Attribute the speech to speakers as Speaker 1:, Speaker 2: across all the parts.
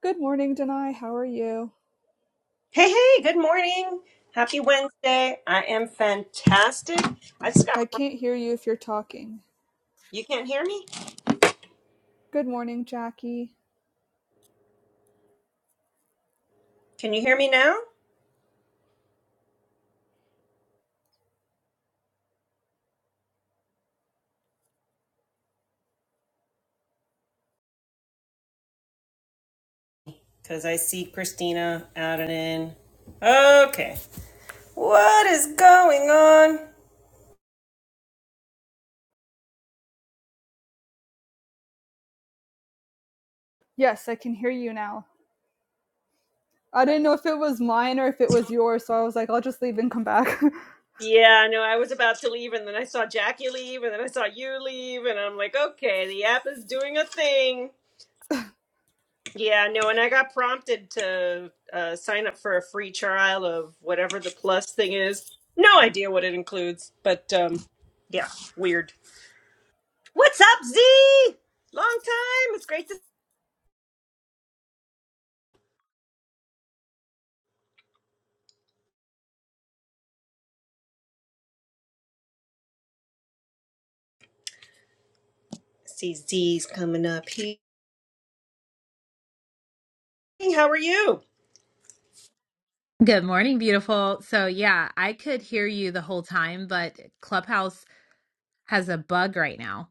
Speaker 1: Good morning, Denai. How are you?
Speaker 2: Hey, hey, good morning. Happy Wednesday. I am fantastic. I just got,
Speaker 1: I can't hear you if you're talking.
Speaker 2: you can't hear me?
Speaker 1: Good morning, Jackie.
Speaker 2: Can you hear me now? Because I see Christina out and in. Okay. What is going on?
Speaker 1: Yes, I can hear you now. I didn't know if it was mine or if it was yours, so I was like, I'll just leave and come back.
Speaker 2: Yeah, I know. I was about to leave, and then I saw Jackie leave, and then I saw you leave, and I'm like, okay, the app is doing a thing. Yeah, no, and I got prompted to uh, sign up for a free trial of whatever the plus thing is. No idea what it includes, but um, yeah, weird. What's up, Z? Long time. It's great to see Z's coming up here. How are you?
Speaker 3: Good morning, beautiful. So, yeah, I could hear you the whole time, but Clubhouse has a bug right now.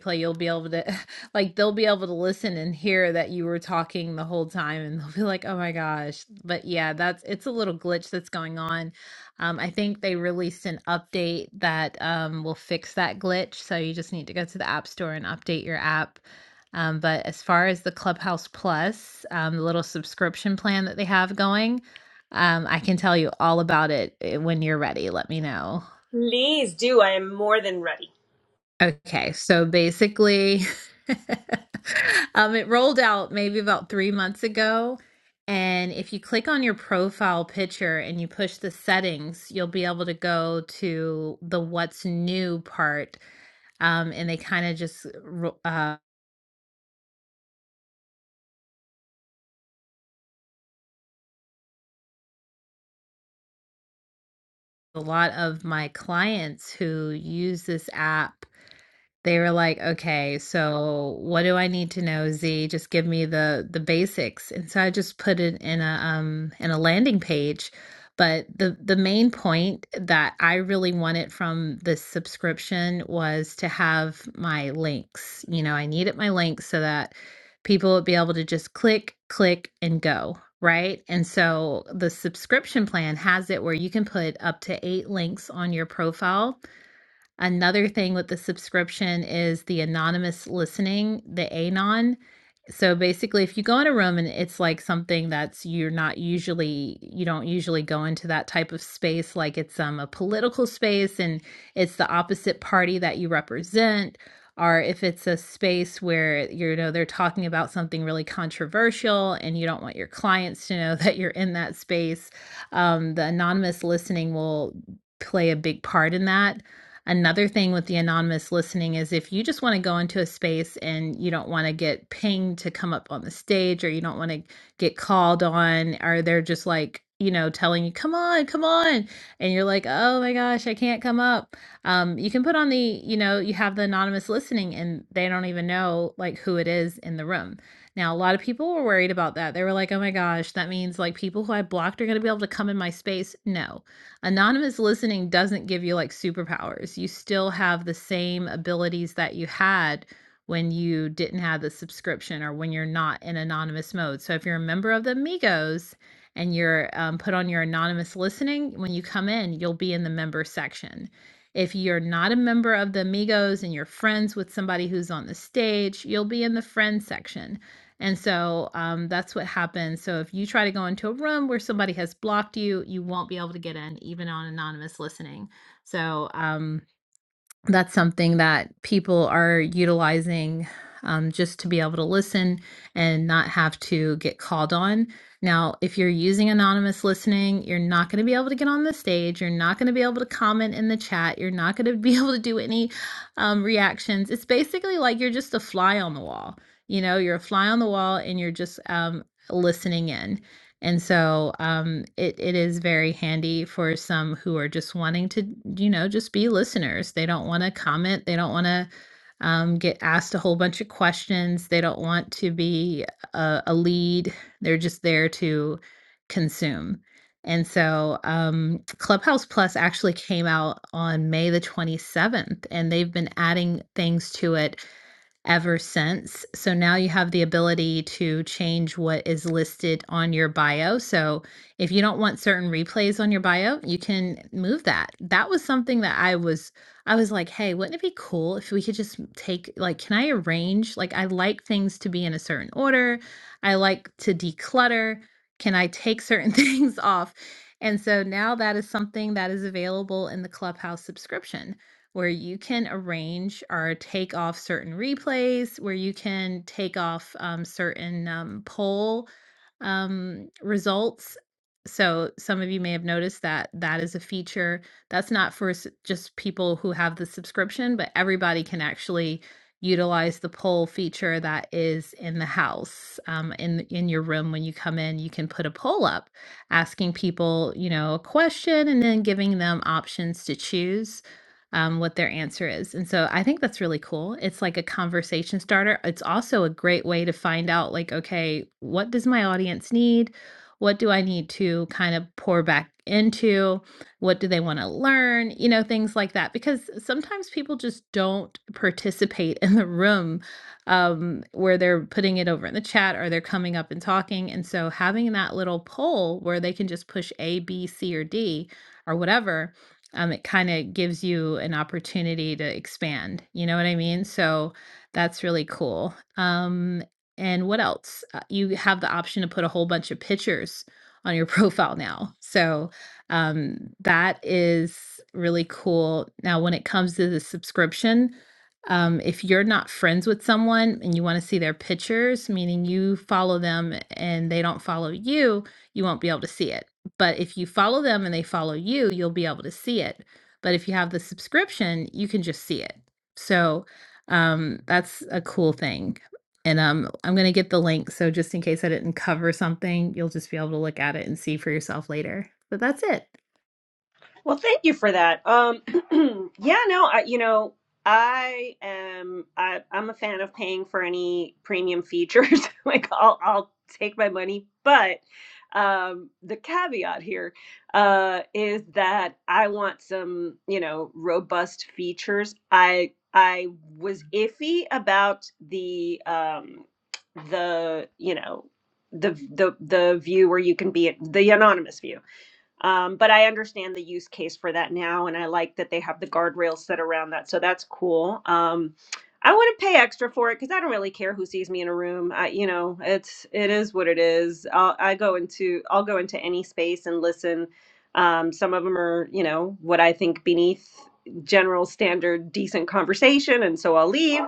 Speaker 3: play you'll be able to like they'll be able to listen and hear that you were talking the whole time and they'll be like oh my gosh but yeah that's it's a little glitch that's going on um, i think they released an update that um, will fix that glitch so you just need to go to the app store and update your app um, but as far as the clubhouse plus um, the little subscription plan that they have going um, i can tell you all about it eh, when you're ready let me know
Speaker 2: Please do. I am more than ready.
Speaker 3: Okay, so basically, um, it rolled out maybe about three months ago. And if you click on your profile picture and you push the settings, you'll be able to go to the what's new part. Um, and they kind of just, uh, ro- uh, a lot of my clients who use this app They were like, "Okay, so what do I need to know, Z? Just give me the the basics." And so I just put it in a um in a landing page. But the the main point that I really wanted from this subscription was to have my links. You know, I needed my links so that people would be able to just click, click, and go, right? And so the subscription plan has it where you can put up to eight links on your profile Another thing with the subscription is the anonymous listening, the anon. So basically, if you go in a room and it's like something that's you're not usually you don't usually go into that type of space, like it's um a political space and it's the opposite party that you represent, or if it's a space where you know they're talking about something really controversial and you don't want your clients to know that you're in that space, um, the anonymous listening will play a big part in that another thing with the anonymous listening is if you just want to go into a space and you don't want to get pinged to come up on the stage or you don't want to get called on or they're just like you know telling you come on come on and you're like oh my gosh i can't come up um, you can put on the you know you have the anonymous listening and they don't even know like who it is in the room now a lot of people were worried about that they were like oh my gosh that means like people who i blocked are going to be able to come in my space no Anonymous listening doesn't give you like superpowers. You still have the same abilities that you had when you didn't have the subscription or when you're not in anonymous mode. So if you're a member of the Migos and you're um, put on your anonymous listening, when you come in, you'll be in the member section. If you're not a member of the Migos and you're friends with somebody who's on the stage, you'll be in the friend section. And so um, that's what happens. So if you try to go into a room where somebody has blocked you, you won't be able to get in, even on anonymous listening. So, um, that's something that people are utilizing um, just to be able to listen and not have to get called on. Now, if you're using anonymous listening, you're not going to be able to get on the stage. You're not going to be able to comment in the chat. You're not going to be able to do any um, reactions. It's basically like you're just a fly on the wall. You know, you're a fly on the wall and you're just um, listening in. And so, um, it it is very handy for some who are just wanting to, you know, just be listeners. They don't wanna comment, they don't wanna, um, get asked a whole bunch of questions, they don't want to be a a lead, they're just there to consume. And so, um, Clubhouse Plus actually came out on May the 27th, and they've been adding things to it ever since. So now you have the ability to change what is listed on your bio. So if you don't want certain replays on your bio, you can move that. That was something that I was I was like, "Hey, wouldn't it be cool if we could just take like can I arrange like I like things to be in a certain order. I like to declutter. Can I take certain things off?" And so now that is something that is available in the Clubhouse subscription where you can arrange or take off certain replays, where you can take off um, certain um, poll um, results. So some of you may have noticed that that is a feature that's not for s- just people who have the subscription, but everybody can actually utilize the poll feature that is in the house um, in in your room when you come in you can put a poll up asking people you know a question and then giving them options to choose um, what their answer is. And so I think that's really cool. It's like a conversation starter. It's also a great way to find out, like, okay, what does my audience need? What do I need to kind of pour back into? What do they want to learn? You know, things like that. Because sometimes people just don't participate in the room um, where they're putting it over in the chat or they're coming up and talking. And so having that little poll where they can just push A, B, C, or D or whatever um, it kind of gives you an opportunity to expand. You know what I mean? So that's really cool. Um, and what else? Uh, you have the option to put a whole bunch of pictures on your profile now. So um, that is really cool. Now, when it comes to the subscription, um, if you're not friends with someone and you want to see their pictures, meaning you follow them and they don't follow you, you won't be able to see it. But if you follow them and they follow you, you'll be able to see it. But if you have the subscription, you can just see it. So um, that's a cool thing. And um, I'm going to get the link. So just in case I didn't cover something, you'll just be able to look at it and see for yourself later. But that's it.
Speaker 2: Well, thank you for that. Um, yeah, no, I, you know, I am, I, I'm a fan of paying for any premium features. like I'll, I'll take my money, but, um, the caveat here, uh, is that I want some, you know, robust features. I, I was iffy about the, um, the, you know, the, the, the view where you can be the anonymous view um, but I understand the use case for that now, and I like that they have the guardrails set around that. So that's cool. Um, I wouldn't pay extra for it because I don't really care who sees me in a room. I, you know, it's it is what it is. I'll, I go into I'll go into any space and listen. Um, some of them are, you know, what I think beneath general standard decent conversation, and so I'll leave.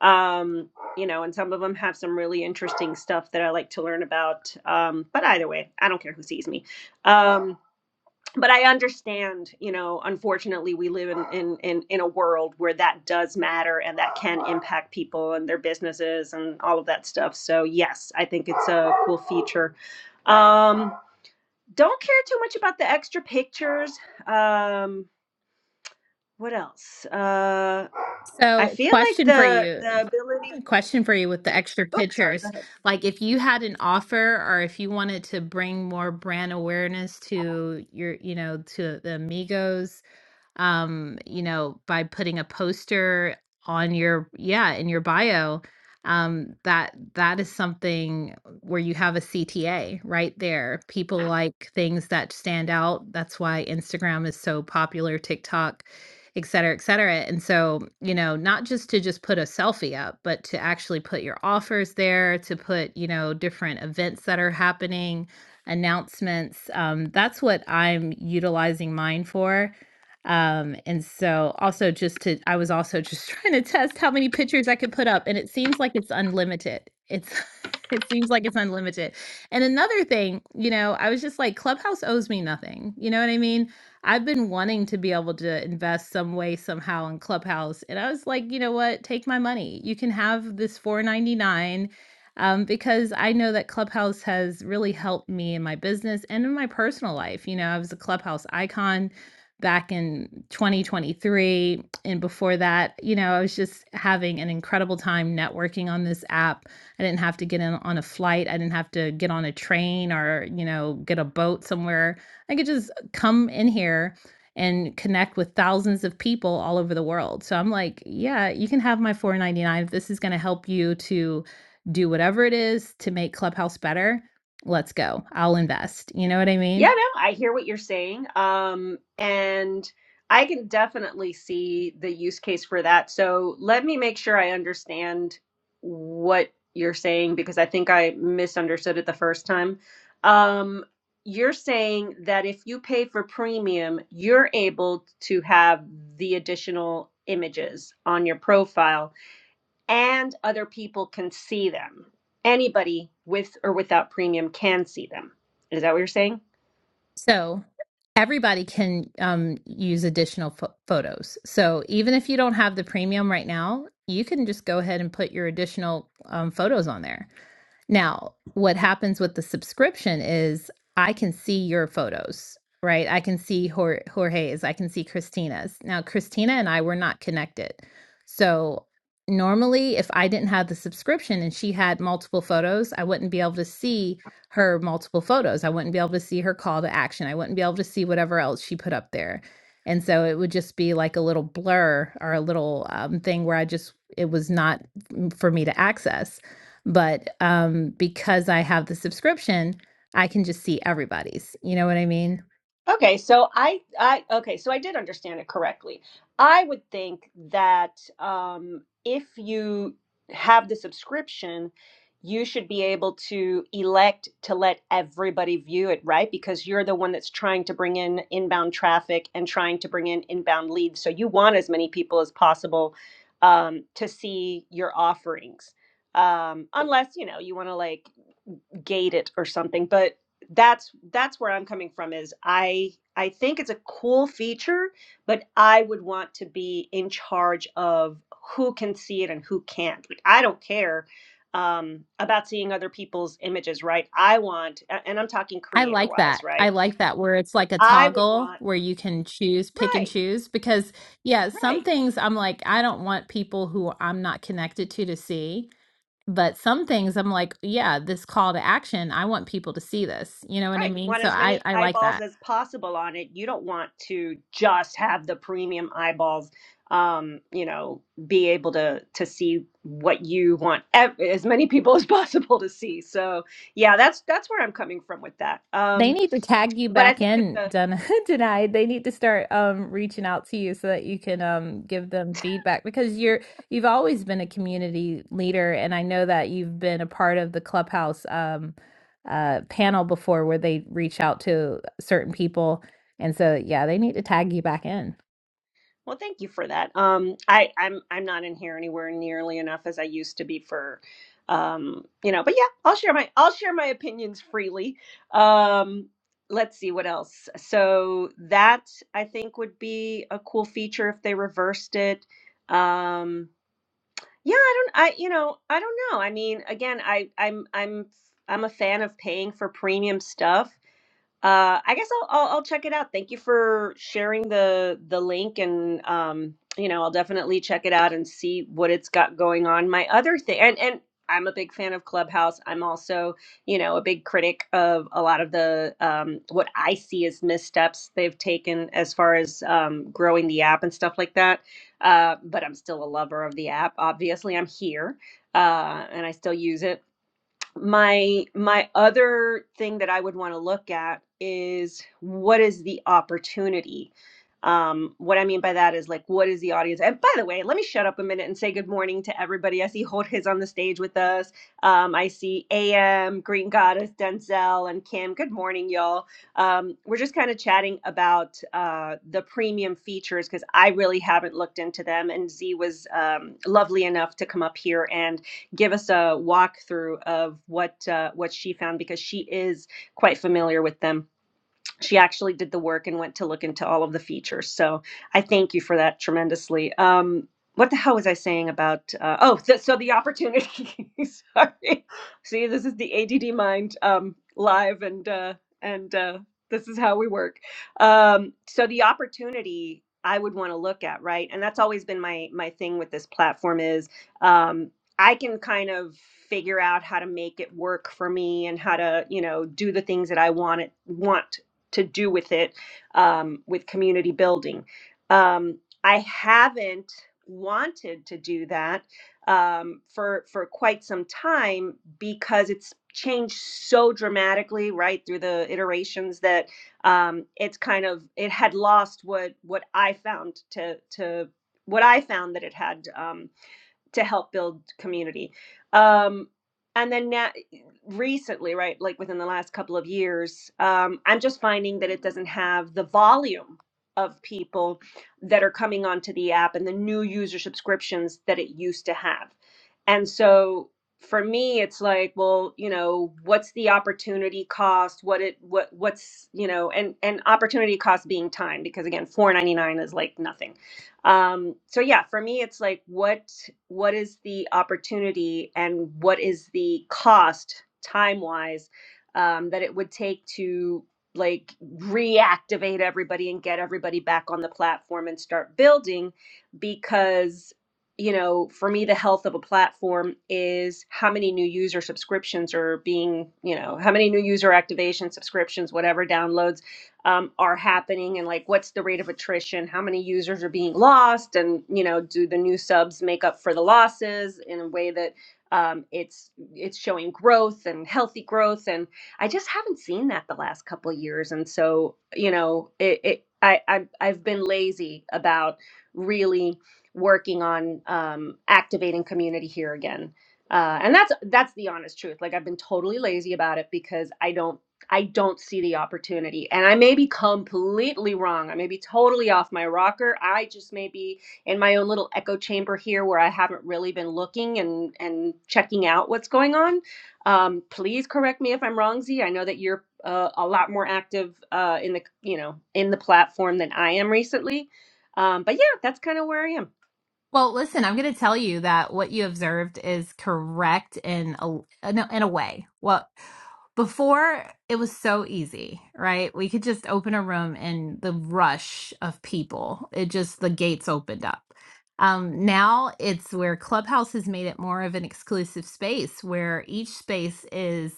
Speaker 2: Um, you know, and some of them have some really interesting stuff that I like to learn about. Um, but either way, I don't care who sees me. Um, but I understand, you know, unfortunately we live in, in, in, in a world where that does matter and that can impact people and their businesses and all of that stuff. So yes, I think it's a cool feature. Um, don't care too much about the extra pictures. Um, what else? Uh, I
Speaker 3: So,
Speaker 2: feel like
Speaker 3: question for
Speaker 2: the,
Speaker 3: you,
Speaker 2: the ability,
Speaker 3: question for you with the extra
Speaker 2: oops, sorry, go
Speaker 3: pictures.
Speaker 2: ahead.
Speaker 3: Like, if you had an offer or if you wanted to bring more brand awareness to your, you know, to the amigos um, you know, by putting a poster on your yeah, in your bio, um, that that is something where you have a CTA right there. People like things that stand out. That's why Instagram is so popular, TikTok, et cetera, et cetera. And so, you know, not just to just put a selfie up, but to actually put your offers there, to put, you know, different events that are happening, announcements. Um, that's what I'm utilizing mine for um, and so also just to I was also just trying to test how many pictures I could put up, and it seems like it's unlimited. It's it seems like it's unlimited. And another thing, you know, I was just like, Clubhouse owes me nothing. You know what I mean? I've been wanting to be able to invest some way somehow in Clubhouse. And I was like, you know what? Take my money. You can have this 499 um, because I know that Clubhouse has really helped me in my business and in my personal life. You know, I was a Clubhouse icon back in 2023. And before that, you know, I was just having an incredible time networking on this app. I didn't have to get in on a flight, I didn't have to get on a train or, you know, get a boat somewhere. I could just come in here and connect with thousands of people all over the world. So I'm like, yeah, you can have my 499 if this is going to help you to do whatever it is to make Clubhouse better. Let's go. I'll invest. You know what I
Speaker 2: Yeah,
Speaker 3: mean?
Speaker 2: no, I hear what you're saying. Um, and I can definitely see the use case for that. So let me make sure I understand what you're saying because I think I misunderstood it the first time. Um, you're saying that if you pay for premium, you're able to have the additional images on your profile and other people can see them. Anybody with or without premium can see them. Is that what you're saying?
Speaker 3: So everybody can um, use additional pho- photos. So even if you don't have the premium right now, you can just go ahead and put your additional um, photos on there. Now, what happens with the subscription is I can see your photos, right? I can see Jor- Jorge's, I can see Christina's. Now, Christina and I were not connected. So, normally, if I didn't have the subscription and she had multiple photos, I wouldn't be able to see her multiple photos. I wouldn't be able to see her call to action. I wouldn't be able to see whatever else she put up there. And so it would just be like a little blur or a little um, thing where I just, it was not mm, for me to access. But um, because I have the subscription, I can just see everybody's. You know what I mean?
Speaker 2: Okay, so I, I, okay, so I did understand it correctly. I would think that um, if you have the subscription, you should be able to elect to let everybody view it, right? Because you're the one that's trying to bring in inbound traffic and trying to bring in inbound leads. So you want as many people as possible um, to see your offerings. Um, unless, you know, you want to like gate it or something but that's that's where i'm coming from is i i think it's a cool feature but i would want to be in charge of who can see it and who can't like i don't care um, about seeing other people's images right i want a- and i'm talking
Speaker 3: I
Speaker 2: creator
Speaker 3: like
Speaker 2: wise
Speaker 3: that. I
Speaker 2: right
Speaker 3: like that where it's like a
Speaker 2: i would
Speaker 3: toggle
Speaker 2: want
Speaker 3: where you can choose, pick and
Speaker 2: right
Speaker 3: choose. Because, yeah,
Speaker 2: right
Speaker 3: some things I'm like, I don't want people who I'm not connected to to see. But some things I'm like, yeah, this call to action, I want people to see this. You know what I
Speaker 2: Right. You
Speaker 3: mean?
Speaker 2: want
Speaker 3: So
Speaker 2: as
Speaker 3: I,
Speaker 2: many
Speaker 3: I like that.
Speaker 2: eyeballs as possible on it. You don't want to just have the premium eyeballs, um, you know, be able to to see what you want ev- as many people as possible to see. So, yeah, that's that's where I'm coming from with that.
Speaker 3: They
Speaker 2: Um,
Speaker 3: need to tag you
Speaker 2: but I
Speaker 3: back
Speaker 2: think it's
Speaker 3: in,
Speaker 2: a
Speaker 3: Dun- tonight. They need to start um, reaching out to you so that you can um, give them feedback because you're you've always been a community leader, and I know that you've been a part of the clubhouse um, uh, panel before where they reach out to certain people, and so yeah, they need to tag you back in.
Speaker 2: Well, thank you for that. Um, I, I'm I'm not in here anywhere nearly enough as I used to be for, um, you know. But yeah, I'll share my I'll share my opinions freely. Um, let's see what else. So that I think would be a cool feature if they reversed it. Um, yeah, I don't. I you know I don't know. I mean, again, I I'm I'm I'm a fan of paying for premium stuff uh i guess I'll, I'll i'll check it out thank you for sharing the the link and um you know i'll definitely check it out and see what it's got going on my other thing and and i'm a big fan of clubhouse i'm also you know a big critic of a lot of the um what i see as missteps they've taken as far as um growing the app and stuff like that uh but i'm still a lover of the app obviously i'm here uh and i still use it my my other thing that i would want to look at is what is the opportunity um what i mean by that is like what is the audience and by the way let me shut up a minute and say good morning to everybody i see jorge's on the stage with us um i see am green goddess denzel and kim good morning y'all um we're just kind of chatting about uh the premium features because i really haven't looked into them and z was um lovely enough to come up here and give us a walkthrough of what uh, what she found because she is quite familiar with them she actually did the work and went to look into all of the features. So I thank you for that tremendously. Um, what the hell was I saying about? Uh, oh, th- so the opportunity. Sorry. See, this is the ADD mind um, live, and uh, and uh, this is how we work. Um, so the opportunity I would want to look at, right? And that's always been my my thing with this platform is um, I can kind of figure out how to make it work for me and how to you know do the things that I want it want to do with it um, with community building. Um, I haven't wanted to do that um, for for quite some time because it's changed so dramatically right through the iterations that um, it's kind of it had lost what what I found to to what I found that it had. Um, to help build community. Um, and then now, recently, right, like within the last couple of years, um, I'm just finding that it doesn't have the volume of people that are coming onto the app and the new user subscriptions that it used to have. And so for me, it's like, well, you know, what's the opportunity cost? What it what what's you know, and and opportunity cost being time because again, four ninety nine is like nothing um so yeah for me it's like what what is the opportunity and what is the cost time wise um that it would take to like reactivate everybody and get everybody back on the platform and start building because you know for me the health of a platform is how many new user subscriptions are being you know how many new user activation subscriptions whatever downloads um, are happening and like what's the rate of attrition how many users are being lost and you know do the new subs make up for the losses in a way that um, it's it's showing growth and healthy growth and i just haven't seen that the last couple of years and so you know it, it I, I i've been lazy about really working on um, activating community here again uh, and that's that's the honest truth like i've been totally lazy about it because i don't I don't see the opportunity. And I may be completely wrong. I may be totally off my rocker. I just may be in my own little echo chamber here where I haven't really been looking and, and checking out what's going on. Um, please correct me if I'm wrong, Z. I know that you're uh, a lot more active uh, in the you know in the platform than I am recently. Um, but yeah, that's kind of where I am.
Speaker 3: Well, listen, I'm going to tell you that what you observed is correct in a in a, in a way. Well, before it was so easy, right? We could just open a room and the rush of people, it just the gates opened up. Um, now it's where Clubhouse has made it more of an exclusive space where each space is,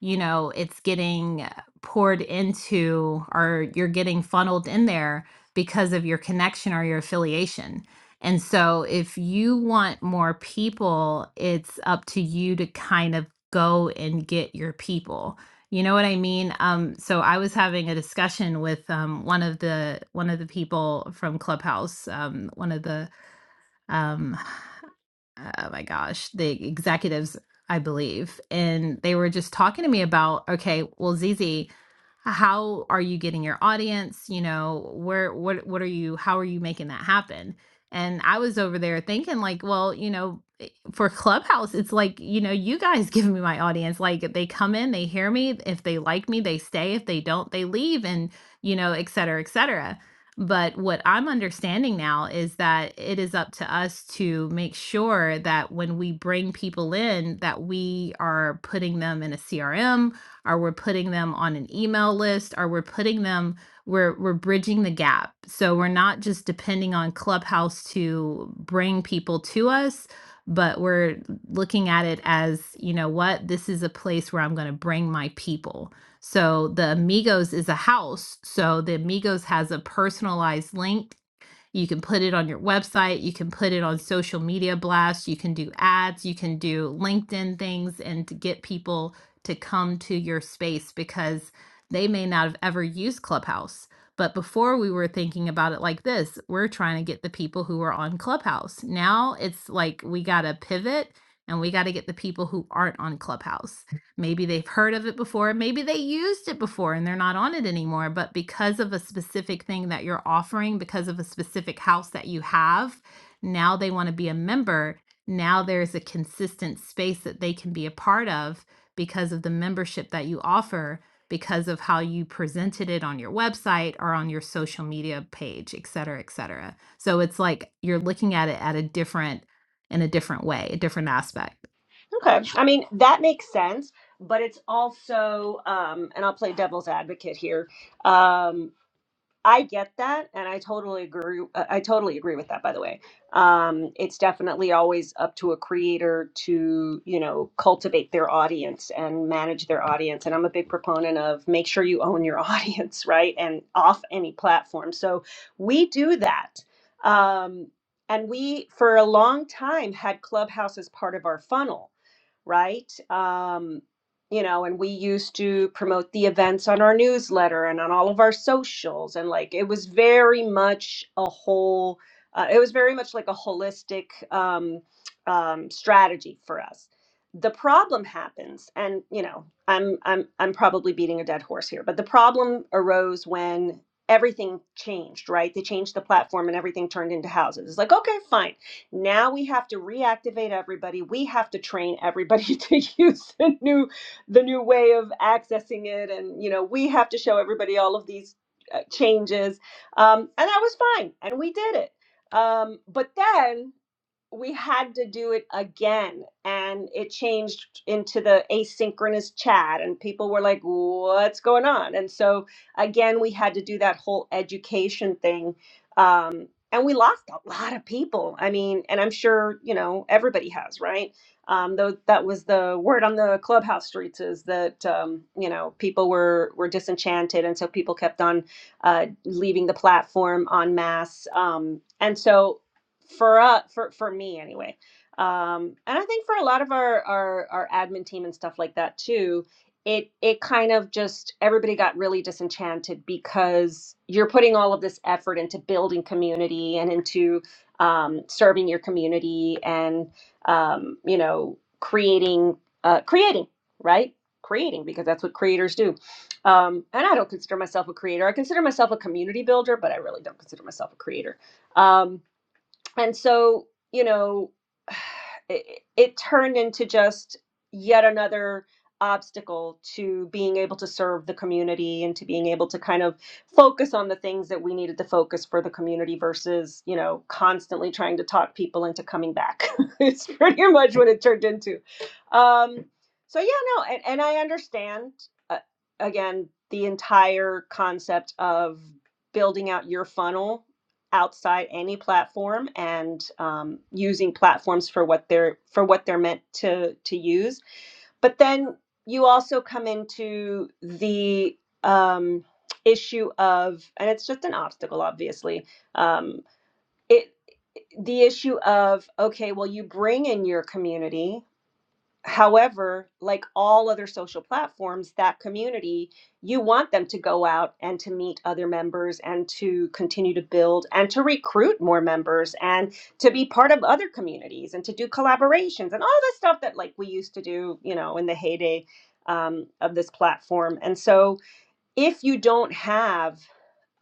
Speaker 3: you know, it's getting poured into or you're getting funneled in there because of your connection or your affiliation and so if you want more people, it's up to you to kind of go and get your people. You know what I mean? Um, so I was having a discussion with um, one of the one of the people from Clubhouse, um, one of the um, oh my gosh, the executives, I believe, and they were just talking to me about, okay, well, Zizi, how are you getting your audience you know where what what are you how are you making that happen and i was over there thinking like well you know eh, for clubhouse it's like you know you guys give me my audience like they come in they hear me if they like me they stay if they don't they leave and you know et cetera et cetera but what i'm understanding now is that it is up to us to make sure that when we bring people in that we are putting them in a crm or we're putting them on an email list or we're putting them we're we're bridging the gap. So we're not just depending on Clubhouse to bring people to us, but we're looking at it as, you know what, this is a place where I'm going to bring my people. So the Amigos is a house. So the Amigos has a personalized link you can put it on your website, you can put it on social media blasts, you can do ads, you can do LinkedIn things and to get people to come to your space because they may not have ever used Clubhouse. But before we were thinking about it like this, we're trying to get the people who are on Clubhouse. Now it's like we got to pivot and we got to get the people who aren't on Clubhouse. Maybe they've heard of it before. Maybe they used it before and they're not on it anymore. But because of a specific thing that you're offering, because of a specific house that you have, now they want to be a member. Now there's a consistent space that they can be a part of because of the membership that you offer, because of how you presented it on your website or on your social media page, et cetera, et cetera. So it's like you're looking at it at a different, in a different way, a different aspect.
Speaker 2: Okay. I mean, that makes sense, but it's also, um, and I'll play devil's advocate here Um, I get that, and I totally agree. uh, I totally agree with that. By the way, um, it's definitely always up to a creator to you know cultivate their audience and manage their audience. And I'm a big proponent of make sure you own your audience, right? And off any platform. So we do that, um, and we for a long time had Clubhouse as part of our funnel, right? Um, you know, and we used to promote the events on our newsletter and on all of our socials. And like it was very much a whole, uh, it was very much like a holistic um, um, strategy for us. The problem happens, and you know, I'm I'm I'm probably beating a dead horse here, but the problem arose when everything changed, right? They changed the platform and everything turned into houses. It's like, okay, fine. Now we have to reactivate everybody. We have to train everybody to use the new the new way of accessing it and you know we have to show everybody all of these uh, changes um, and that was fine and we did it um, but then we had to do it again and it changed into the asynchronous chat and people were like what's going on and so again we had to do that whole education thing um, and we lost a lot of people i mean and i'm sure you know everybody has right um, though that was the word on the clubhouse streets is that um, you know people were were disenchanted and so people kept on uh, leaving the platform en masse um, and so for uh for for me anyway um and i think for a lot of our our our admin team and stuff like that too it it kind of just everybody got really disenchanted because you're putting all of this effort into building community and into um, serving your community and um, you know creating uh, creating right creating because that's what creators do um, and i don't consider myself a creator i consider myself a community builder but i really don't consider myself a creator um, and so you know it, it turned into just yet another obstacle to being able to serve the community and to being able to kind of focus on the things that we needed to focus for the community versus you know constantly trying to talk people into coming back it's pretty much what it turned into um so yeah no and, and i understand uh, again the entire concept of building out your funnel outside any platform and um, using platforms for what they're for what they're meant to to use. But then you also come into the um, issue of, and it's just an obstacle, obviously. Um, it the issue of okay, well, you bring in your community, However, like all other social platforms, that community, you want them to go out and to meet other members and to continue to build and to recruit more members and to be part of other communities and to do collaborations and all the stuff that like we used to do, you know, in the heyday um, of this platform. And so if you don't have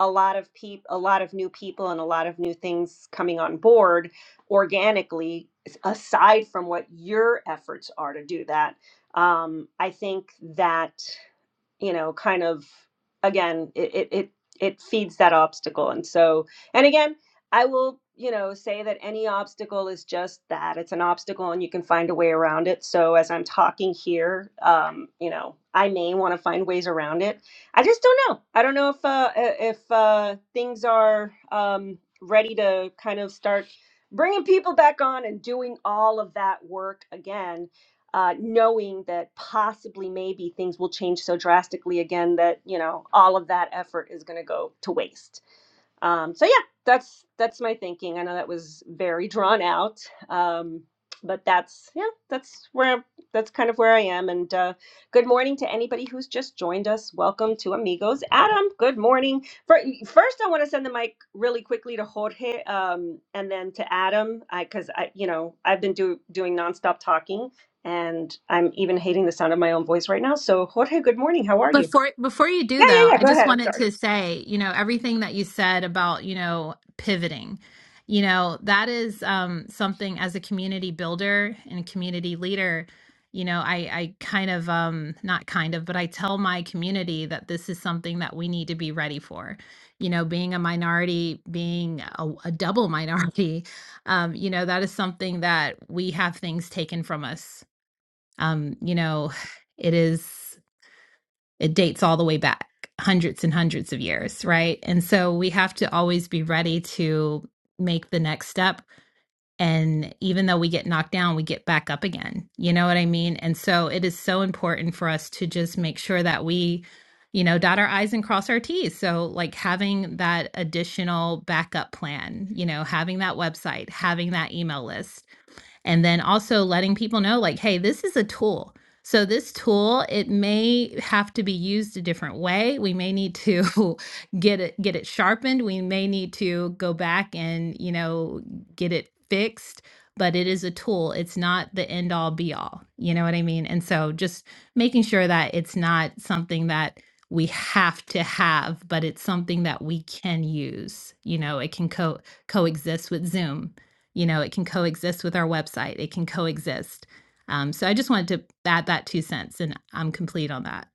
Speaker 2: a lot of people, a lot of new people and a lot of new things coming on board organically s- aside from what your efforts are to do that um, i think that you know kind of again it it it, it feeds that obstacle and so and again i will you know say that any obstacle is just that it's an obstacle and you can find a way around it so as i'm talking here um, you know i may want to find ways around it i just don't know i don't know if uh, if uh, things are um, ready to kind of start bringing people back on and doing all of that work again uh, knowing that possibly maybe things will change so drastically again that you know all of that effort is going to go to waste um, so yeah, that's that's my thinking. I know that was very drawn out, um, but that's yeah, that's where that's kind of where I am. And uh, good morning to anybody who's just joined us. Welcome to Amigos. Adam, good morning. Fir- First, I want to send the mic really quickly to Jorge, um, and then to Adam, because I, you know I've been do, doing nonstop talking, and I'm even hating the sound of my own voice right now. So Jorge, good morning. How are you?
Speaker 3: Before before you do
Speaker 2: Yeah, yeah,
Speaker 3: though,
Speaker 2: yeah.
Speaker 3: I
Speaker 2: Go
Speaker 3: just
Speaker 2: ahead. I'm
Speaker 3: wanted
Speaker 2: sorry.
Speaker 3: to say, you know, everything that you said about, you know, pivoting. You know, that is um something as a community builder and community leader, you know, I I kind of um not kind of, but I tell my community that this is something that we need to be ready for. You know, being a minority, being a, a double minority, um, you know, that is something that we have things taken from us. Um, you know, it is. It dates all the way back hundreds and hundreds of years, right? And so we have to always be ready to make the next step. And even though we get knocked down, we get back up again. You know what I mean? And so it is so important for us to just make sure that we, you know, dot our I's and cross our T's. So, like having that additional backup plan, you know, having that website, having that email list and then also letting people know, like, hey, this is a tool. So this tool, it may have to be used a different way. We may need to get it get it sharpened. We may need to go back and, you know, get it fixed, but it is a tool. It's not the end all be all. You know what I mean? And so just making sure that it's not something that we have to have, but it's something that we can use. You know, it can co coexist with Zoom you know, it can coexist with our website. It can coexist. Um, so I just wanted to add that two cents, and I'm complete on that.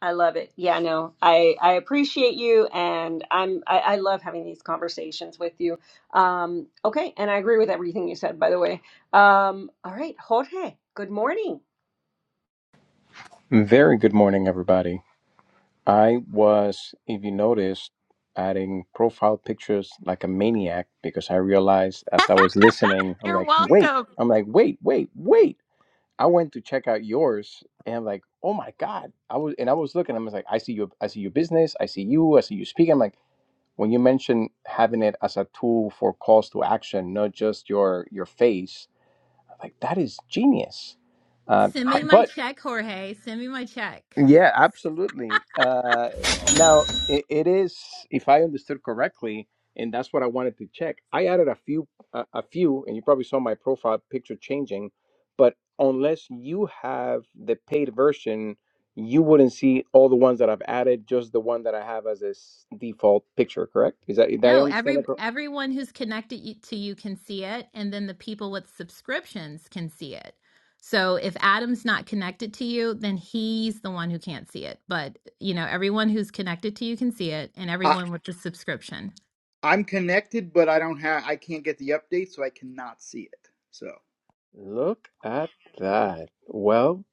Speaker 2: I love it. Yeah, no, I I appreciate you, and I'm I, I love having these conversations with you. Um, okay, and I agree with everything you said, by the way. Um, all right, Jorge, good morning.
Speaker 4: Very good morning, everybody. I was, if you noticed, adding profile pictures like a maniac because I realized as I was listening, I'm
Speaker 3: You're
Speaker 4: like, wait,
Speaker 3: welcome.
Speaker 4: I'm like, wait, wait, wait. I went to check out yours and I'm like, oh my God. I was, and I was looking, I was like, I see your, I see your business. I see you. I see you speak. I'm like, when you mentioned having it as a tool for calls to action, not just your, your face, like that is genius. Uh,
Speaker 3: Send me
Speaker 4: h-
Speaker 3: my
Speaker 4: but
Speaker 3: check, Jorge. Send me my check.
Speaker 4: Yeah, absolutely. Uh, now, it, it is, if I understood correctly, and that's what I wanted to check. I added a few, a, a few, and you probably saw my profile picture changing, but unless you have the paid version you wouldn't see all the ones that I've added, just the one that I have as a s- default picture, correct? Is that did I
Speaker 3: No, every
Speaker 4: understand that? cor-
Speaker 3: everyone who's connected you- to you can see it, and then the people with subscriptions can see it. So if Adam's not connected to you, then he's the one who can't see it. But you know, everyone who's connected to you can see it, and
Speaker 5: I,
Speaker 3: everyone with the subscription.
Speaker 5: I'm connected, but I don't have. I can't get the update, so I cannot see it. So
Speaker 4: Look at that. Well,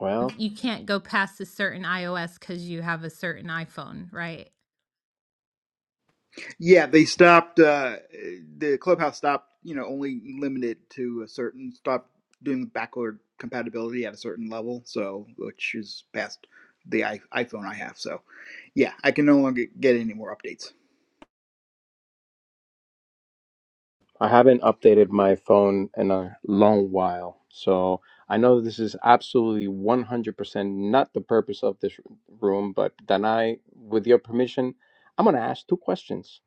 Speaker 4: well.
Speaker 3: you can't go past a certain iOS because you have a certain iPhone, right?
Speaker 5: yeah, they stopped. Uh, the clubhouse stopped. You know, only limited to a certain. Stopped doing backward compatibility at a certain level. So which is past the I, iPhone I have. So yeah, I can no longer get any more updates.
Speaker 4: I haven't updated my phone in a long while, so I know this is absolutely 100% not the purpose of this room, but Danai, with your permission, I'm going to ask two questions.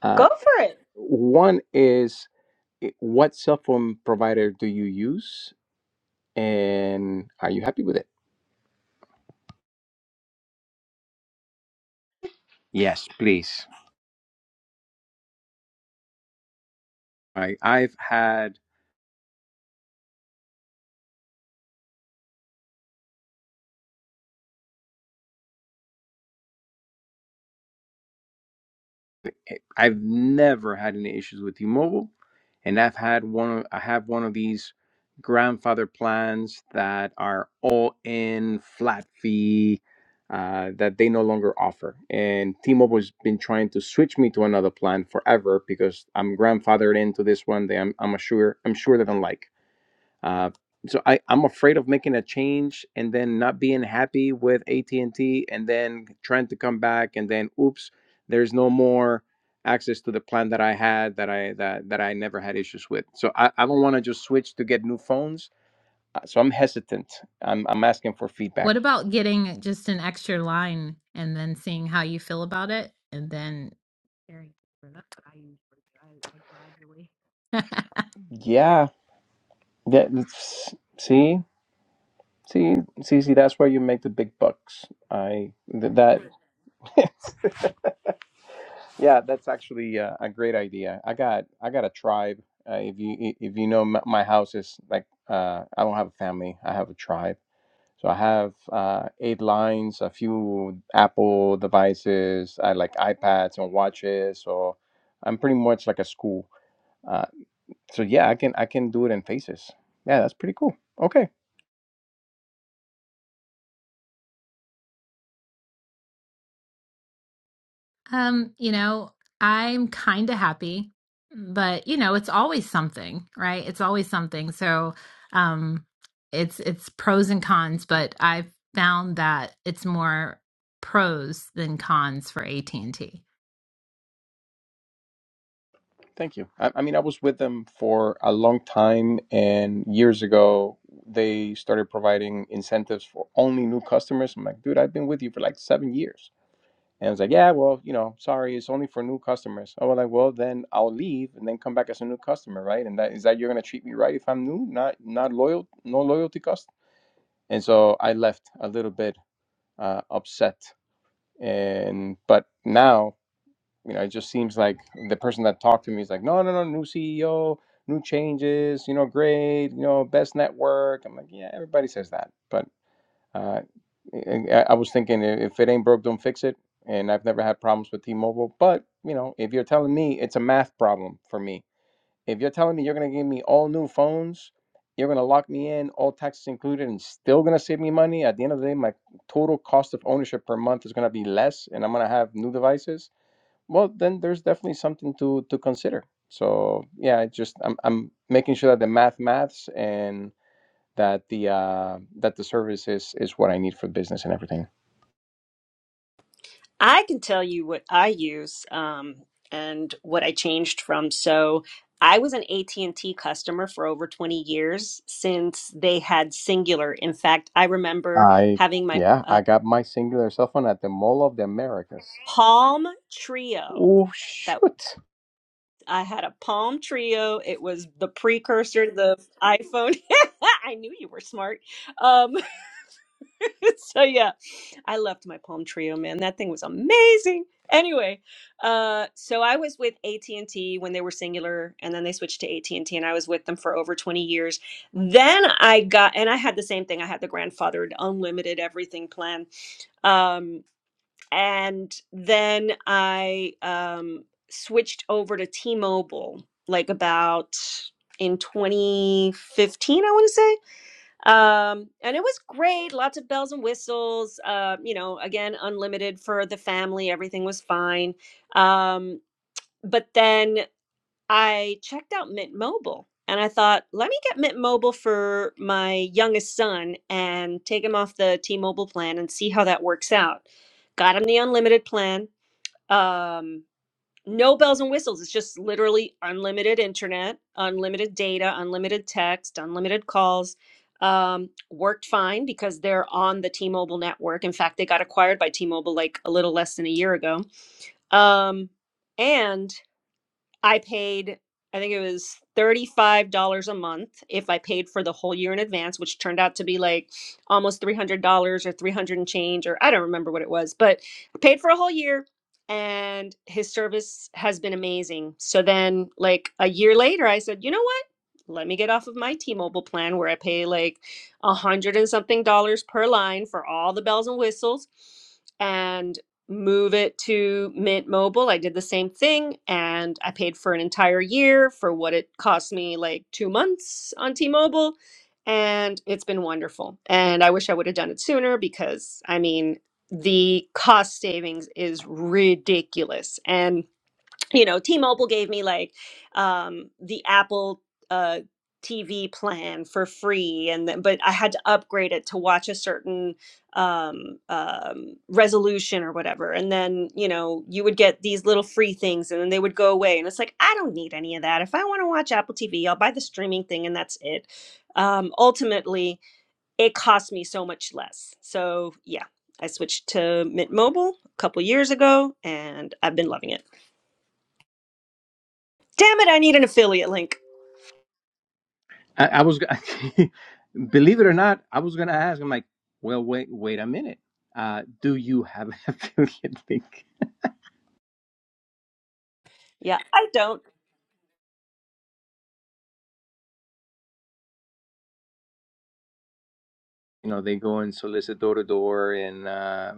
Speaker 4: Uh,
Speaker 2: Go for it.
Speaker 4: one is, i- what cell phone provider do you use, and are you happy with it? Yes, please. I, I've had I've never had any issues with T-Mobile, and I've had one. Of, I have one of these grandfather plans that are all in flat fee uh, that they no longer offer. And T-Mobile has been trying to switch me to another plan forever because I'm grandfathered into this one that I'm, I'm sure I'm sure they don't like. Uh, so I, I'm afraid of making a change and then not being happy with AT&T and T, and then trying to come back and then oops, there's no more access to the plan that I had that I that that I never had issues with. So I, I don't want to just switch to get new phones. Uh, So I'm hesitant. I'm I'm asking for
Speaker 3: What
Speaker 4: feedback.
Speaker 3: about getting just an extra line and then seeing how you feel about it? And then Very different. That's what I usually do. I, I gradually.
Speaker 4: Yeah, that that's- see see see see that's where you make the big bucks. I th- that Yeah, that's actually uh, a great idea. I got I got a tribe. Uh, if you i- if you know m- my house is like uh, I don't have a family. I have a tribe. So I have uh, eight lines, a few Apple devices, I like iPads and watches. So I'm pretty much like a school. Uh, so yeah, I can I can do it in Faces. Yeah, that's pretty cool. Okay.
Speaker 3: um, you know, I'm kind of happy, but you know, it's always something, right? It's always something. So, um, it's it's pros and cons, but I've found that it's more pros than cons for AT&T.
Speaker 4: Thank you. I, I mean, I was with them for a long time, and years ago, they started providing incentives for only new customers. I'm like, dude, I've been with you for like seven years. And I was like, yeah, well, you know, sorry, it's only for new customers. I was like, well, then I'll leave and then come back as a new customer, right? And that is that you're gonna treat me right if I'm new, not not loyal, no loyalty cost. And so I left a little bit uh, upset, and but now you know, it just seems like the person that talked to me is like, no, no, no, new CEO, new changes, you know, great, you know, best network. I'm like, yeah, everybody says that. But uh, I, I I was thinking i- if it ain't broke, don't fix it. And I've never had problems with T-Mobile. But, you know, if you're telling me it's a math problem for me, if you're telling me you're going to give me all new phones, you're going to lock me in, all taxes included, and still going to save me money. At the end of the day, my total cost of ownership per month is going to be less, and I'm going to have new devices well then there's definitely something to to consider so yeah it just i'm, I'm making sure that the math maths and that the uh that the service is is what i need for business and everything
Speaker 2: I can tell you what I use um, and what I changed from. So I was an AT&T customer for over 20 years since they had Singular. In fact, I remember
Speaker 4: i
Speaker 2: having my
Speaker 4: yeah i got my singular cell phone at the mall of the americas
Speaker 2: Palm Trio.
Speaker 4: oh
Speaker 2: That
Speaker 4: shoot
Speaker 2: I had a Palm Trio. It was the precursor to the iPhone. I knew you were smart. Um, so yeah, I loved my Palm Trio, man. That thing was amazing. Anyway, uh, so I was with AT and T when they were Singular, and then they switched to AT and T, and I was with them for over twenty years. Then I got, and I had the same thing. I had the grandfathered unlimited everything plan. Um, and then I um, switched over to T-Mobile, like about in 2015, I want to say. Um, and it was great, lots of bells and whistles. Uh, you know, again, unlimited for the family, everything was fine. Um, but then I checked out Mint Mobile. And I thought, let me get Mint Mobile for my youngest son and take him off the T Mobile plan and see how that works out. Got him the unlimited plan um no bells and whistles it's just literally unlimited internet unlimited data unlimited text unlimited calls um worked fine because they're on the T-Mobile network in fact they got acquired by T-Mobile like a little less than a year ago um and I paid, I think it was $35 a month if I paid for the whole year in advance, which turned out to be like almost $300 or 300 and change, or I don't remember what it was, but I paid for a whole year and his service has been amazing. So then, like a year later, I said, you know what? Let me get off of my T Mobile plan where I pay like a hundred and something dollars per line for all the bells and whistles. and move it to Mint Mobile. I did the same thing and I paid for an entire year for what it cost me like 2 months on T-Mobile and it's been wonderful. And I wish I would have done it sooner because I mean the cost savings is ridiculous. And you know, T-Mobile gave me like um, the Apple uh, TV plan for free, and then, but I had to upgrade it to watch a certain um, um, resolution or whatever. And then you know, you would get these little free things, and then they would go away. And it's like I don't need any of that. If I want to watch Apple TV, I'll buy the streaming thing, and that's it. Um, ultimately, it cost me so much less. So yeah, I switched to Mint Mobile a couple years ago, and I've been loving it. Damn it, I need an affiliate link.
Speaker 4: i, I was g- believe it or not i was gonna ask i'm like well wait wait a minute uh do you have an affiliate link
Speaker 2: Yeah, I don't.
Speaker 4: you know they go and solicit door to door and uh,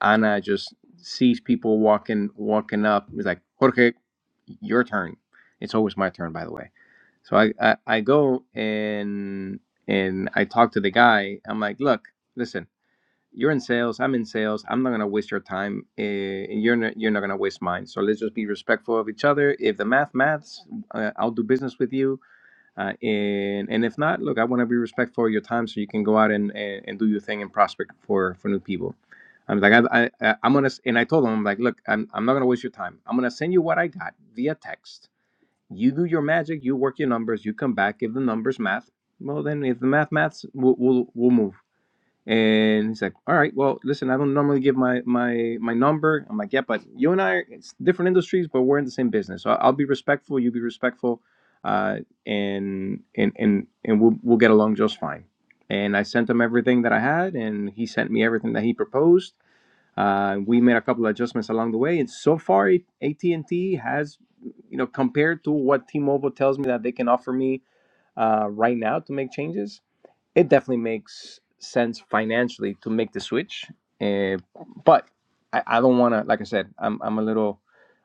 Speaker 4: ana just sees people walking walking up he's like jorge your turn it's always my turn by the way so i i, I go and and i talk to the guy i'm like look listen you're in sales i'm in sales i'm not going to waste your time uh, and you're not you're not going to waste mine so let's just be respectful of each other if the math maths uh, i'll do business with you uh, and and if not, look, I want to be respectful of your time, so you can go out and, and, and do your thing and prospect for for new people. I'm like, I, I I- am gonna, and I told him, I'm like, look, I'm I'm not gonna waste your time. I'm gonna send you what I got via text. You do your magic, you work your numbers, you come back, if the numbers math. Well, then if the math maths, we'll we'll, we'll move. And he's like, "All right, well, listen, I don't normally give my my my number." I'm like, "Yeah, but you and I are it's different industries, but we're in the same business. So I'll be respectful, you be respectful, uh, and and and and we'll we'll get along just fine." And I sent him everything that I had, and he sent me everything that he proposed. Uh, we made a couple of adjustments along the way, and so far, AT and T has, you know, compared to what T-Mobile tells me that they can offer me uh, right now to make changes it definitely makes sense financially to make the switch. Uh, but I, I don't want to, like I said, I'm, I'm a little,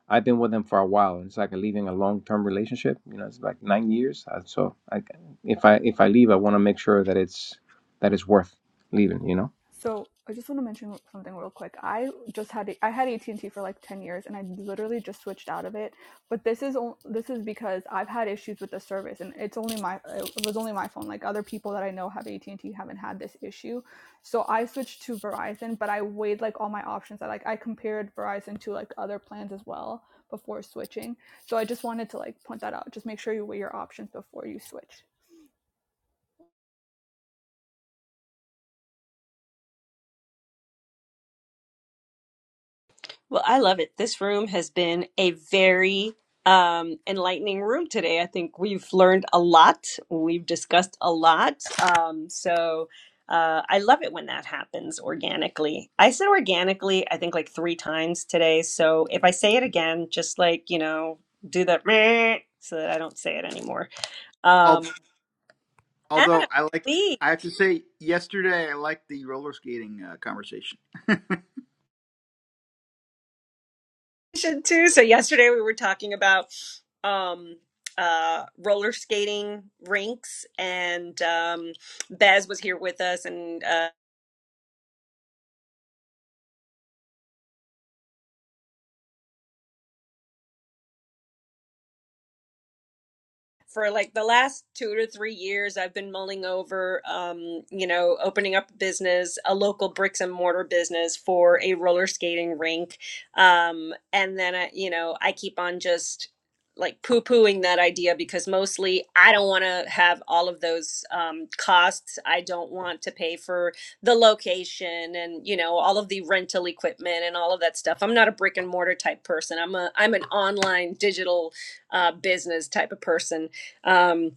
Speaker 4: I've been with them for a while. It's like leaving a long-term relationship. You know, it's like nine years. Uh, So I, if I, if I leave, I want to make sure that it's, that it's worth leaving, you know?
Speaker 1: So I just want to mention something real quick. I just had I had AT and T for like ten years, and I literally just switched out of it. But this is this is because I've had issues with the service, and it's only my it was only my phone. Like other people that I know have AT and T haven't had this issue, so I switched to Verizon. But I weighed like all my options. I like I compared Verizon to like other plans as well before switching, so I just wanted to like point that out. Just make sure you weigh your options before you switch.
Speaker 2: Well, I love it. This room has been a very um, enlightening room today. I think we've learned a lot. We've discussed a lot. Um, so uh, I love it when that happens organically. I said organically, I think like three times today. So if I say it again, just like, you know, do the meh so that I don't say it anymore.
Speaker 5: Al-
Speaker 2: Um, Adam,
Speaker 5: Although I like,
Speaker 2: please.
Speaker 5: I have to say, yesterday I liked the roller skating uh, conversation.
Speaker 2: Too. So yesterday we were talking about um uh roller skating rinks and um Bez was here with us and uh for like the last two to three years i've been mulling over um, you know opening up a business a local bricks and mortar business for a roller skating rink um, and then I, you know i keep on just like poo-pooing that idea because mostly i don't want to have all of those um, costs i don't want to pay for the location and you know all of the rental equipment and all of that stuff i'm not a brick and mortar type person i'm a i'm an online digital uh, business type of person um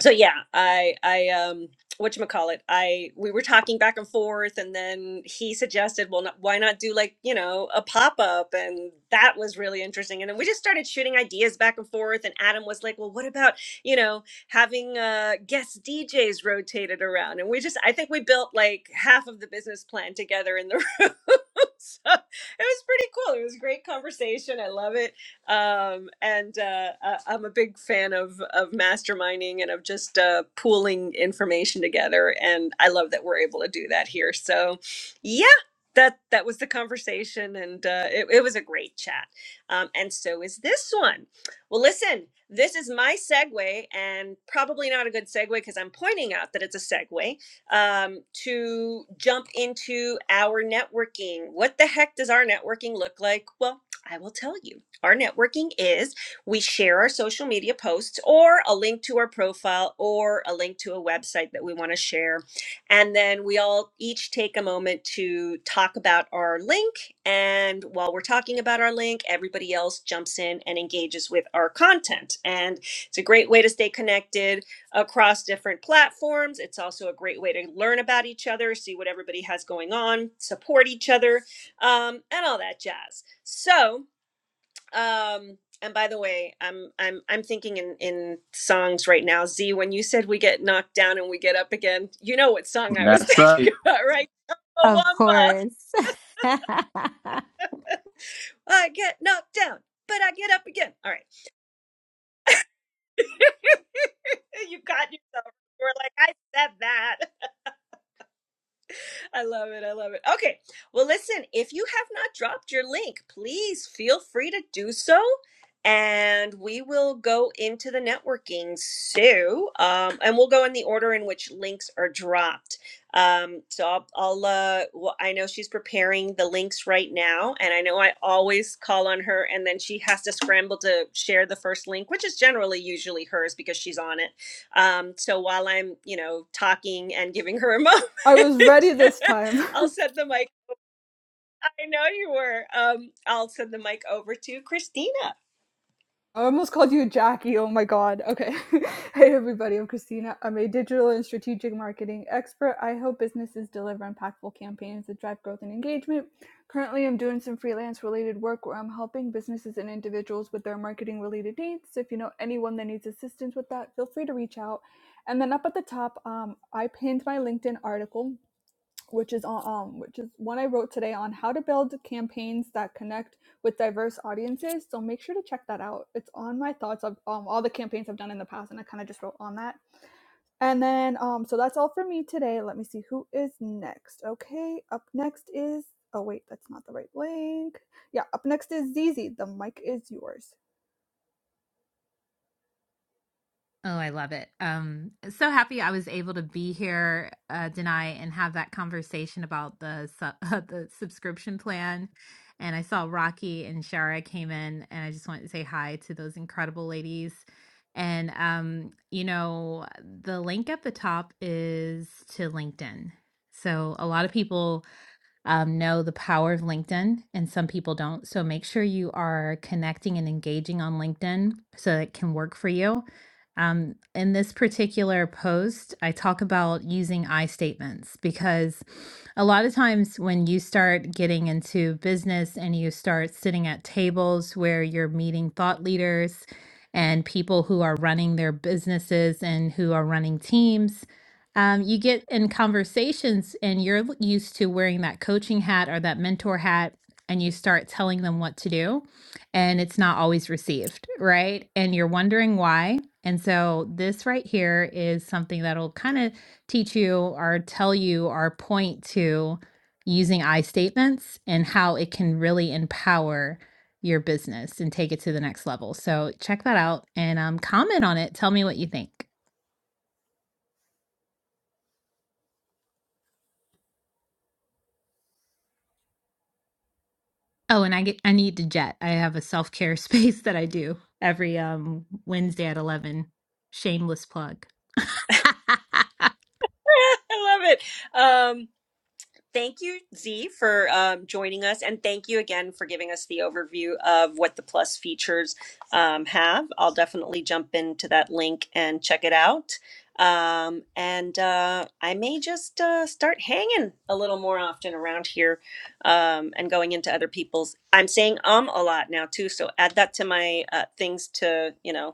Speaker 2: so yeah i i um what you call it i we were talking back and forth and then he suggested well not, why not do like you know a pop-up and that was really interesting and then we just started shooting ideas back and forth and adam was like well what about you know having uh guest djs rotated around and we just i think we built like half of the business plan together in the room so it was pretty cool it was a great conversation i love it um, and uh, I- am a big fan of of masterminding and of just uh, pooling information together. And I love that we're able to do that here. So, yeah, that that was the conversation, and uh, it, it was a great chat. Um, and so is this one. Well, listen, this is my segue, and probably not a good segue because I'm pointing out that it's a segue um, to jump into our networking. What the heck does our networking look like? Well, I will tell you. Our networking is we share our social media posts or a link to our profile or a link to a website that we want to share. And then we all each take a moment to talk about our link. And while we're talking about our link, everybody else jumps in and engages with our content. And it's a great way to stay connected across different platforms. It's also a great way to learn about each other, see what everybody has going on, support each other, um, and all that jazz. So, um, and by the way, I'm I'm I'm thinking in in songs right now. Z, when you said we get knocked down and we get up again, you know what song I was
Speaker 4: That's right.
Speaker 2: thinking about, right?
Speaker 3: Of
Speaker 2: Wamba.
Speaker 3: course.
Speaker 2: I get knocked down, but I get up again. All right, you got yourself. You were like, I said that. I love it. I love it. Okay. Well, listen, if you have not dropped your link, please feel free to do so. And we will go into the networking. So, um, and we'll go in the order in which links are dropped. Um, so I'll, I'll uh, well, I know she's preparing the links right now. And I know I always call on her and then she has to scramble to share the first link, which is generally usually hers because she's on it. Um, so while I'm, you know, talking and giving her emojis,
Speaker 1: I was ready this time.
Speaker 2: I'll send the mic. I know you were. Um, I'll send the mic over to Christina.
Speaker 1: I almost called you Jackie. Oh my God. Okay. hey, everybody. I'm Christina. I'm a digital and strategic marketing expert. I help businesses deliver impactful campaigns that drive growth and engagement. Currently, I'm doing some freelance related work where I'm helping businesses and individuals with their marketing related needs. So, if you know anyone that needs assistance with that, feel free to reach out. And then up at the top, um, I pinned my LinkedIn article which is um, which is one I wrote today on how to build campaigns that connect with diverse audiences. So make sure to check that out. It's on my thoughts of um, all the campaigns I've done in the past, and I kind of just wrote on that. And then, um, so that's all for me today. Let me see who is next. Okay, up next is. Oh wait, that's not the right link. Yeah, up next is Zizi. The mic is yours.
Speaker 3: Oh, I love it. Um, so happy I was able to be here, uh, Denai, and have that conversation about the sub- the subscription plan. And I saw Rocky and Shara came in, and I just wanted to say hi to those incredible ladies. And um, you know, the link at the top is to LinkedIn. So a lot of people um, know the power of LinkedIn, and some people don't. So make sure you are connecting and engaging on LinkedIn so it can work for you. Um, in this particular post, I talk about using I statements because a lot of times when you start getting into business and you start sitting at tables where you're meeting thought leaders and people who are running their businesses and who are running teams um, you get in conversations and you're used to wearing that coaching hat or that mentor hat and you start telling them what to do and it's not always received right and you're wondering why and so this right here is something that'll kind of teach you or tell you or point to using i statements and how it can really empower your business and take it to the next level so check that out and um, comment on it tell me what you think Oh, and I get I need to jet. I have a self-care space that I do every um Wednesday at 11. Shameless plug.
Speaker 2: I love it. Um, Thank you, Z, for um, joining us. And thank you again for giving us the overview of what the Plus features um, have. I'll definitely jump into that link and check it out. Um, and uh, I may just uh, start hanging a little more often around here um, and going into other people's. I'm saying um a lot now, too. So add that to my uh, things to, you know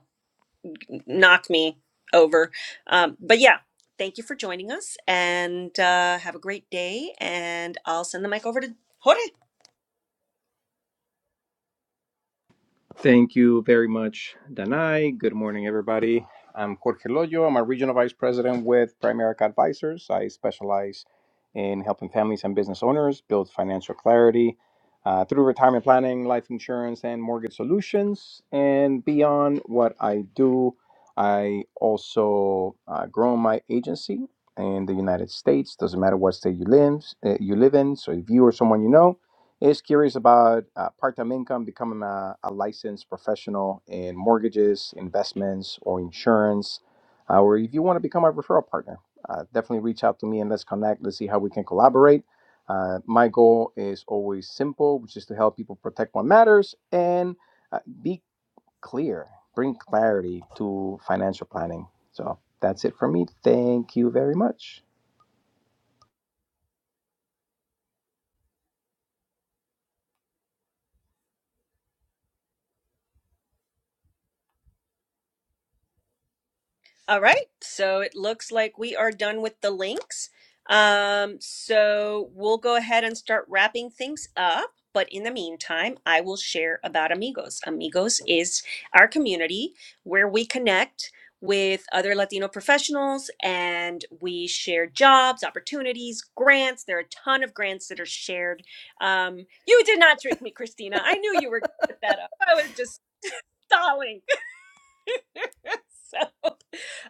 Speaker 2: knock me over. Um, but yeah, thank you for joining us and uh, have a great day. And I'll send the mic over to Jorge.
Speaker 4: Thank you very much, Danai. Good morning, everybody. I'm Jorge Loyo. I'm a regional vice president with Primerica Advisors. I specialize in helping families and business owners build financial clarity uh, through retirement planning, life insurance, and mortgage solutions. And beyond what I do, I also uh, grow my agency in the United States. Doesn't matter what state you live, uh, you live in. So if you or someone you know is curious about uh, part-time income, becoming a, a licensed professional in mortgages, investments, or insurance, uh, or if you want to become a referral partner, uh, definitely reach out to me and let's connect. Let's see how we can collaborate. Uh, my goal is always simple, which is to help people protect what matters and uh, be clear, bring clarity to financial planning. So that's it for me. Thank you very much.
Speaker 2: All right. So it looks like we are done with the links. Um, so we'll go ahead and start wrapping things up. But in the meantime, I will share about Amigos. Amigos is our community where we connect with other Latino professionals and we share jobs, opportunities, grants. There are a ton of grants that are shared. Um, you did not trick me, Christina. I knew you were gonna put that up. I was just stalling. so,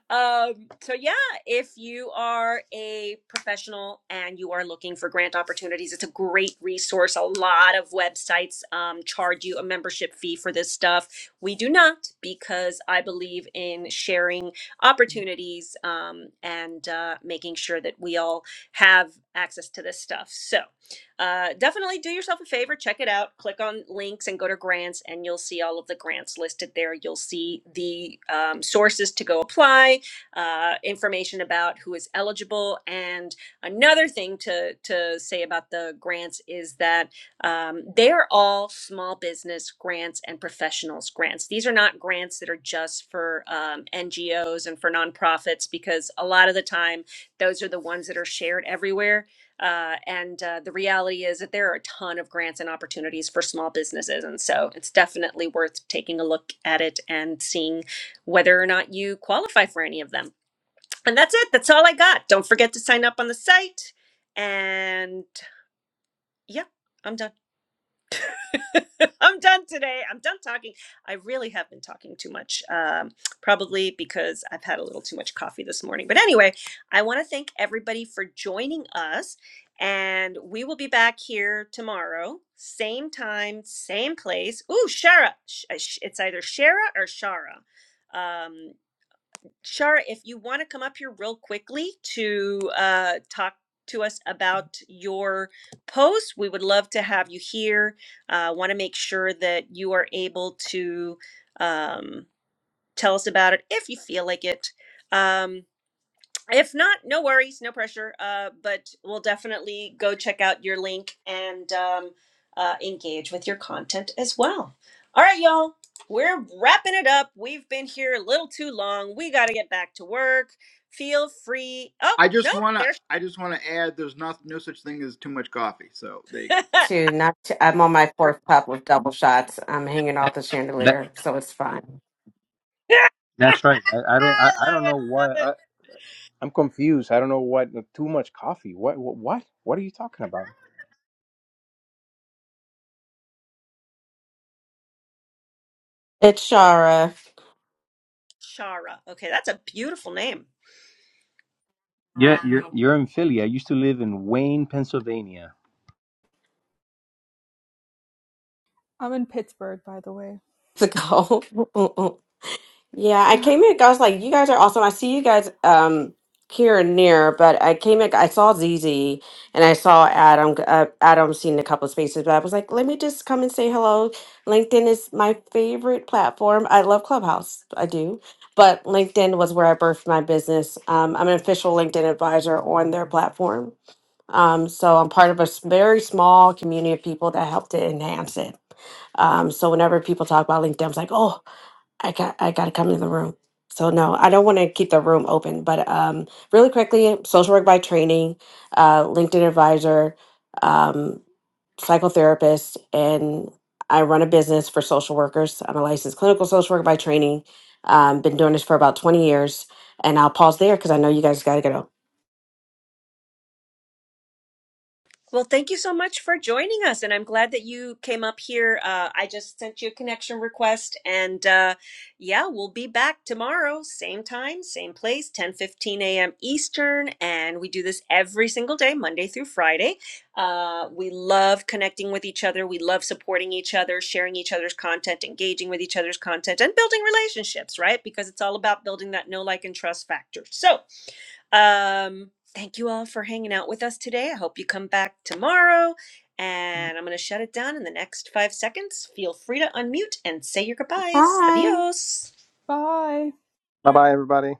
Speaker 2: um, so yeah, if you are a professional and you are looking for grant opportunities, it's a great resource. A lot of websites um, charge you a membership fee for this stuff. We do not because I believe in sharing opportunities um, and uh, making sure that we all have access to this stuff. So. Uh, definitely do yourself a favor, check it out. Click on links and go to grants, and you'll see all of the grants listed there. You'll see the um, sources to go apply, uh, information about who is eligible. And another thing to, to say about the grants is that um, they are all small business grants and professionals grants. These are not grants that are just for um, NGOs and for nonprofits, because a lot of the time, those are the ones that are shared everywhere uh, and uh, the reality is that there are a ton of grants and opportunities for small businesses. And so it's definitely worth taking a look at it and seeing whether or not you qualify for any of them. And that's it. That's all I got. Don't forget to sign up on the site. And yeah, I'm done. I'm done today. I'm done talking. I really have been talking too much, um, probably because I've had a little too much coffee this morning. But anyway, I want to thank everybody for joining us. And we will be back here tomorrow, same time, same place. Ooh, Shara. uh, It's either Shara or Shara. Um, Shara, if you want to come up here real quickly to uh, talk to us about your post, we would love to have you here. Uh, want to make sure that you are able to um, tell us about it if you feel like it. Um, if not no worries no pressure uh, but we'll definitely go check out your link and um, uh, engage with your content as well all right y'all we're wrapping it up we've been here a little too long we got to get back to work feel free oh
Speaker 5: I
Speaker 2: no
Speaker 5: just wanna
Speaker 2: there's
Speaker 5: I just wanna add there's not no such thing as too much coffee. So there you go.
Speaker 2: i love
Speaker 6: Two, not two. I'm on my fourth pup with double shots. I'm hanging off the
Speaker 4: That
Speaker 6: chandelier, so it's fine.
Speaker 4: that's right. I, I don't I, I don't
Speaker 2: it
Speaker 4: know
Speaker 2: love
Speaker 4: why.
Speaker 2: it
Speaker 4: I'm confused. I don't know what uh, too much coffee. What what what, what are you talking about?
Speaker 6: It's Shara.
Speaker 2: chara okay that's a beautiful name
Speaker 4: Yeah, you're you're in Philly. I used to live in Wayne, Pennsylvania.
Speaker 1: I'm in Pittsburgh, by the way.
Speaker 6: It's a goal. Yeah, I came in. I was like, you guys are awesome. I see you guys um here and near, but I came in. I saw Zizi and I saw Adam. Uh, Adam seen a couple of spaces, but I was like, let me just come and say hello. LinkedIn is my favorite platform. I love Clubhouse. I do. But LinkedIn was where I birthed my business. Um, I'm an official LinkedIn advisor on their platform. Um, so I'm part of a s- very small community of people that help to enhance it. Um, so whenever people talk about LinkedIn, I was like, oh, I got I gotta come to the room. So no, I don't want to keep the room open. But um, really quickly, social work by training, uh, LinkedIn advisor, um, psychotherapist, and I run a business for social workers. I'm a licensed clinical social worker by training. Um, been doing this for about 20 years, and I'll pause there because I know you guys gotta go.
Speaker 2: Well, thank you so much for joining us, and I'm glad that you came up here. Uh, I just sent you a connection request, and uh, yeah, we'll be back tomorrow, same time, same place, 10 15 a.m. Eastern, and we do this every single day, Monday through Friday. Uh, we love connecting with each other. We love supporting each other, sharing each other's content, engaging with each other's content, and building relationships, right? Because it's all about building that know, like, and trust factor. So. Um, Thank you all for hanging out with us today. I hope you come back tomorrow. And I'm going to shut it down in the next five seconds. Feel free to unmute and say your goodbyes.
Speaker 6: Bye.
Speaker 2: Adios.
Speaker 1: Bye.
Speaker 4: Bye bye everybody.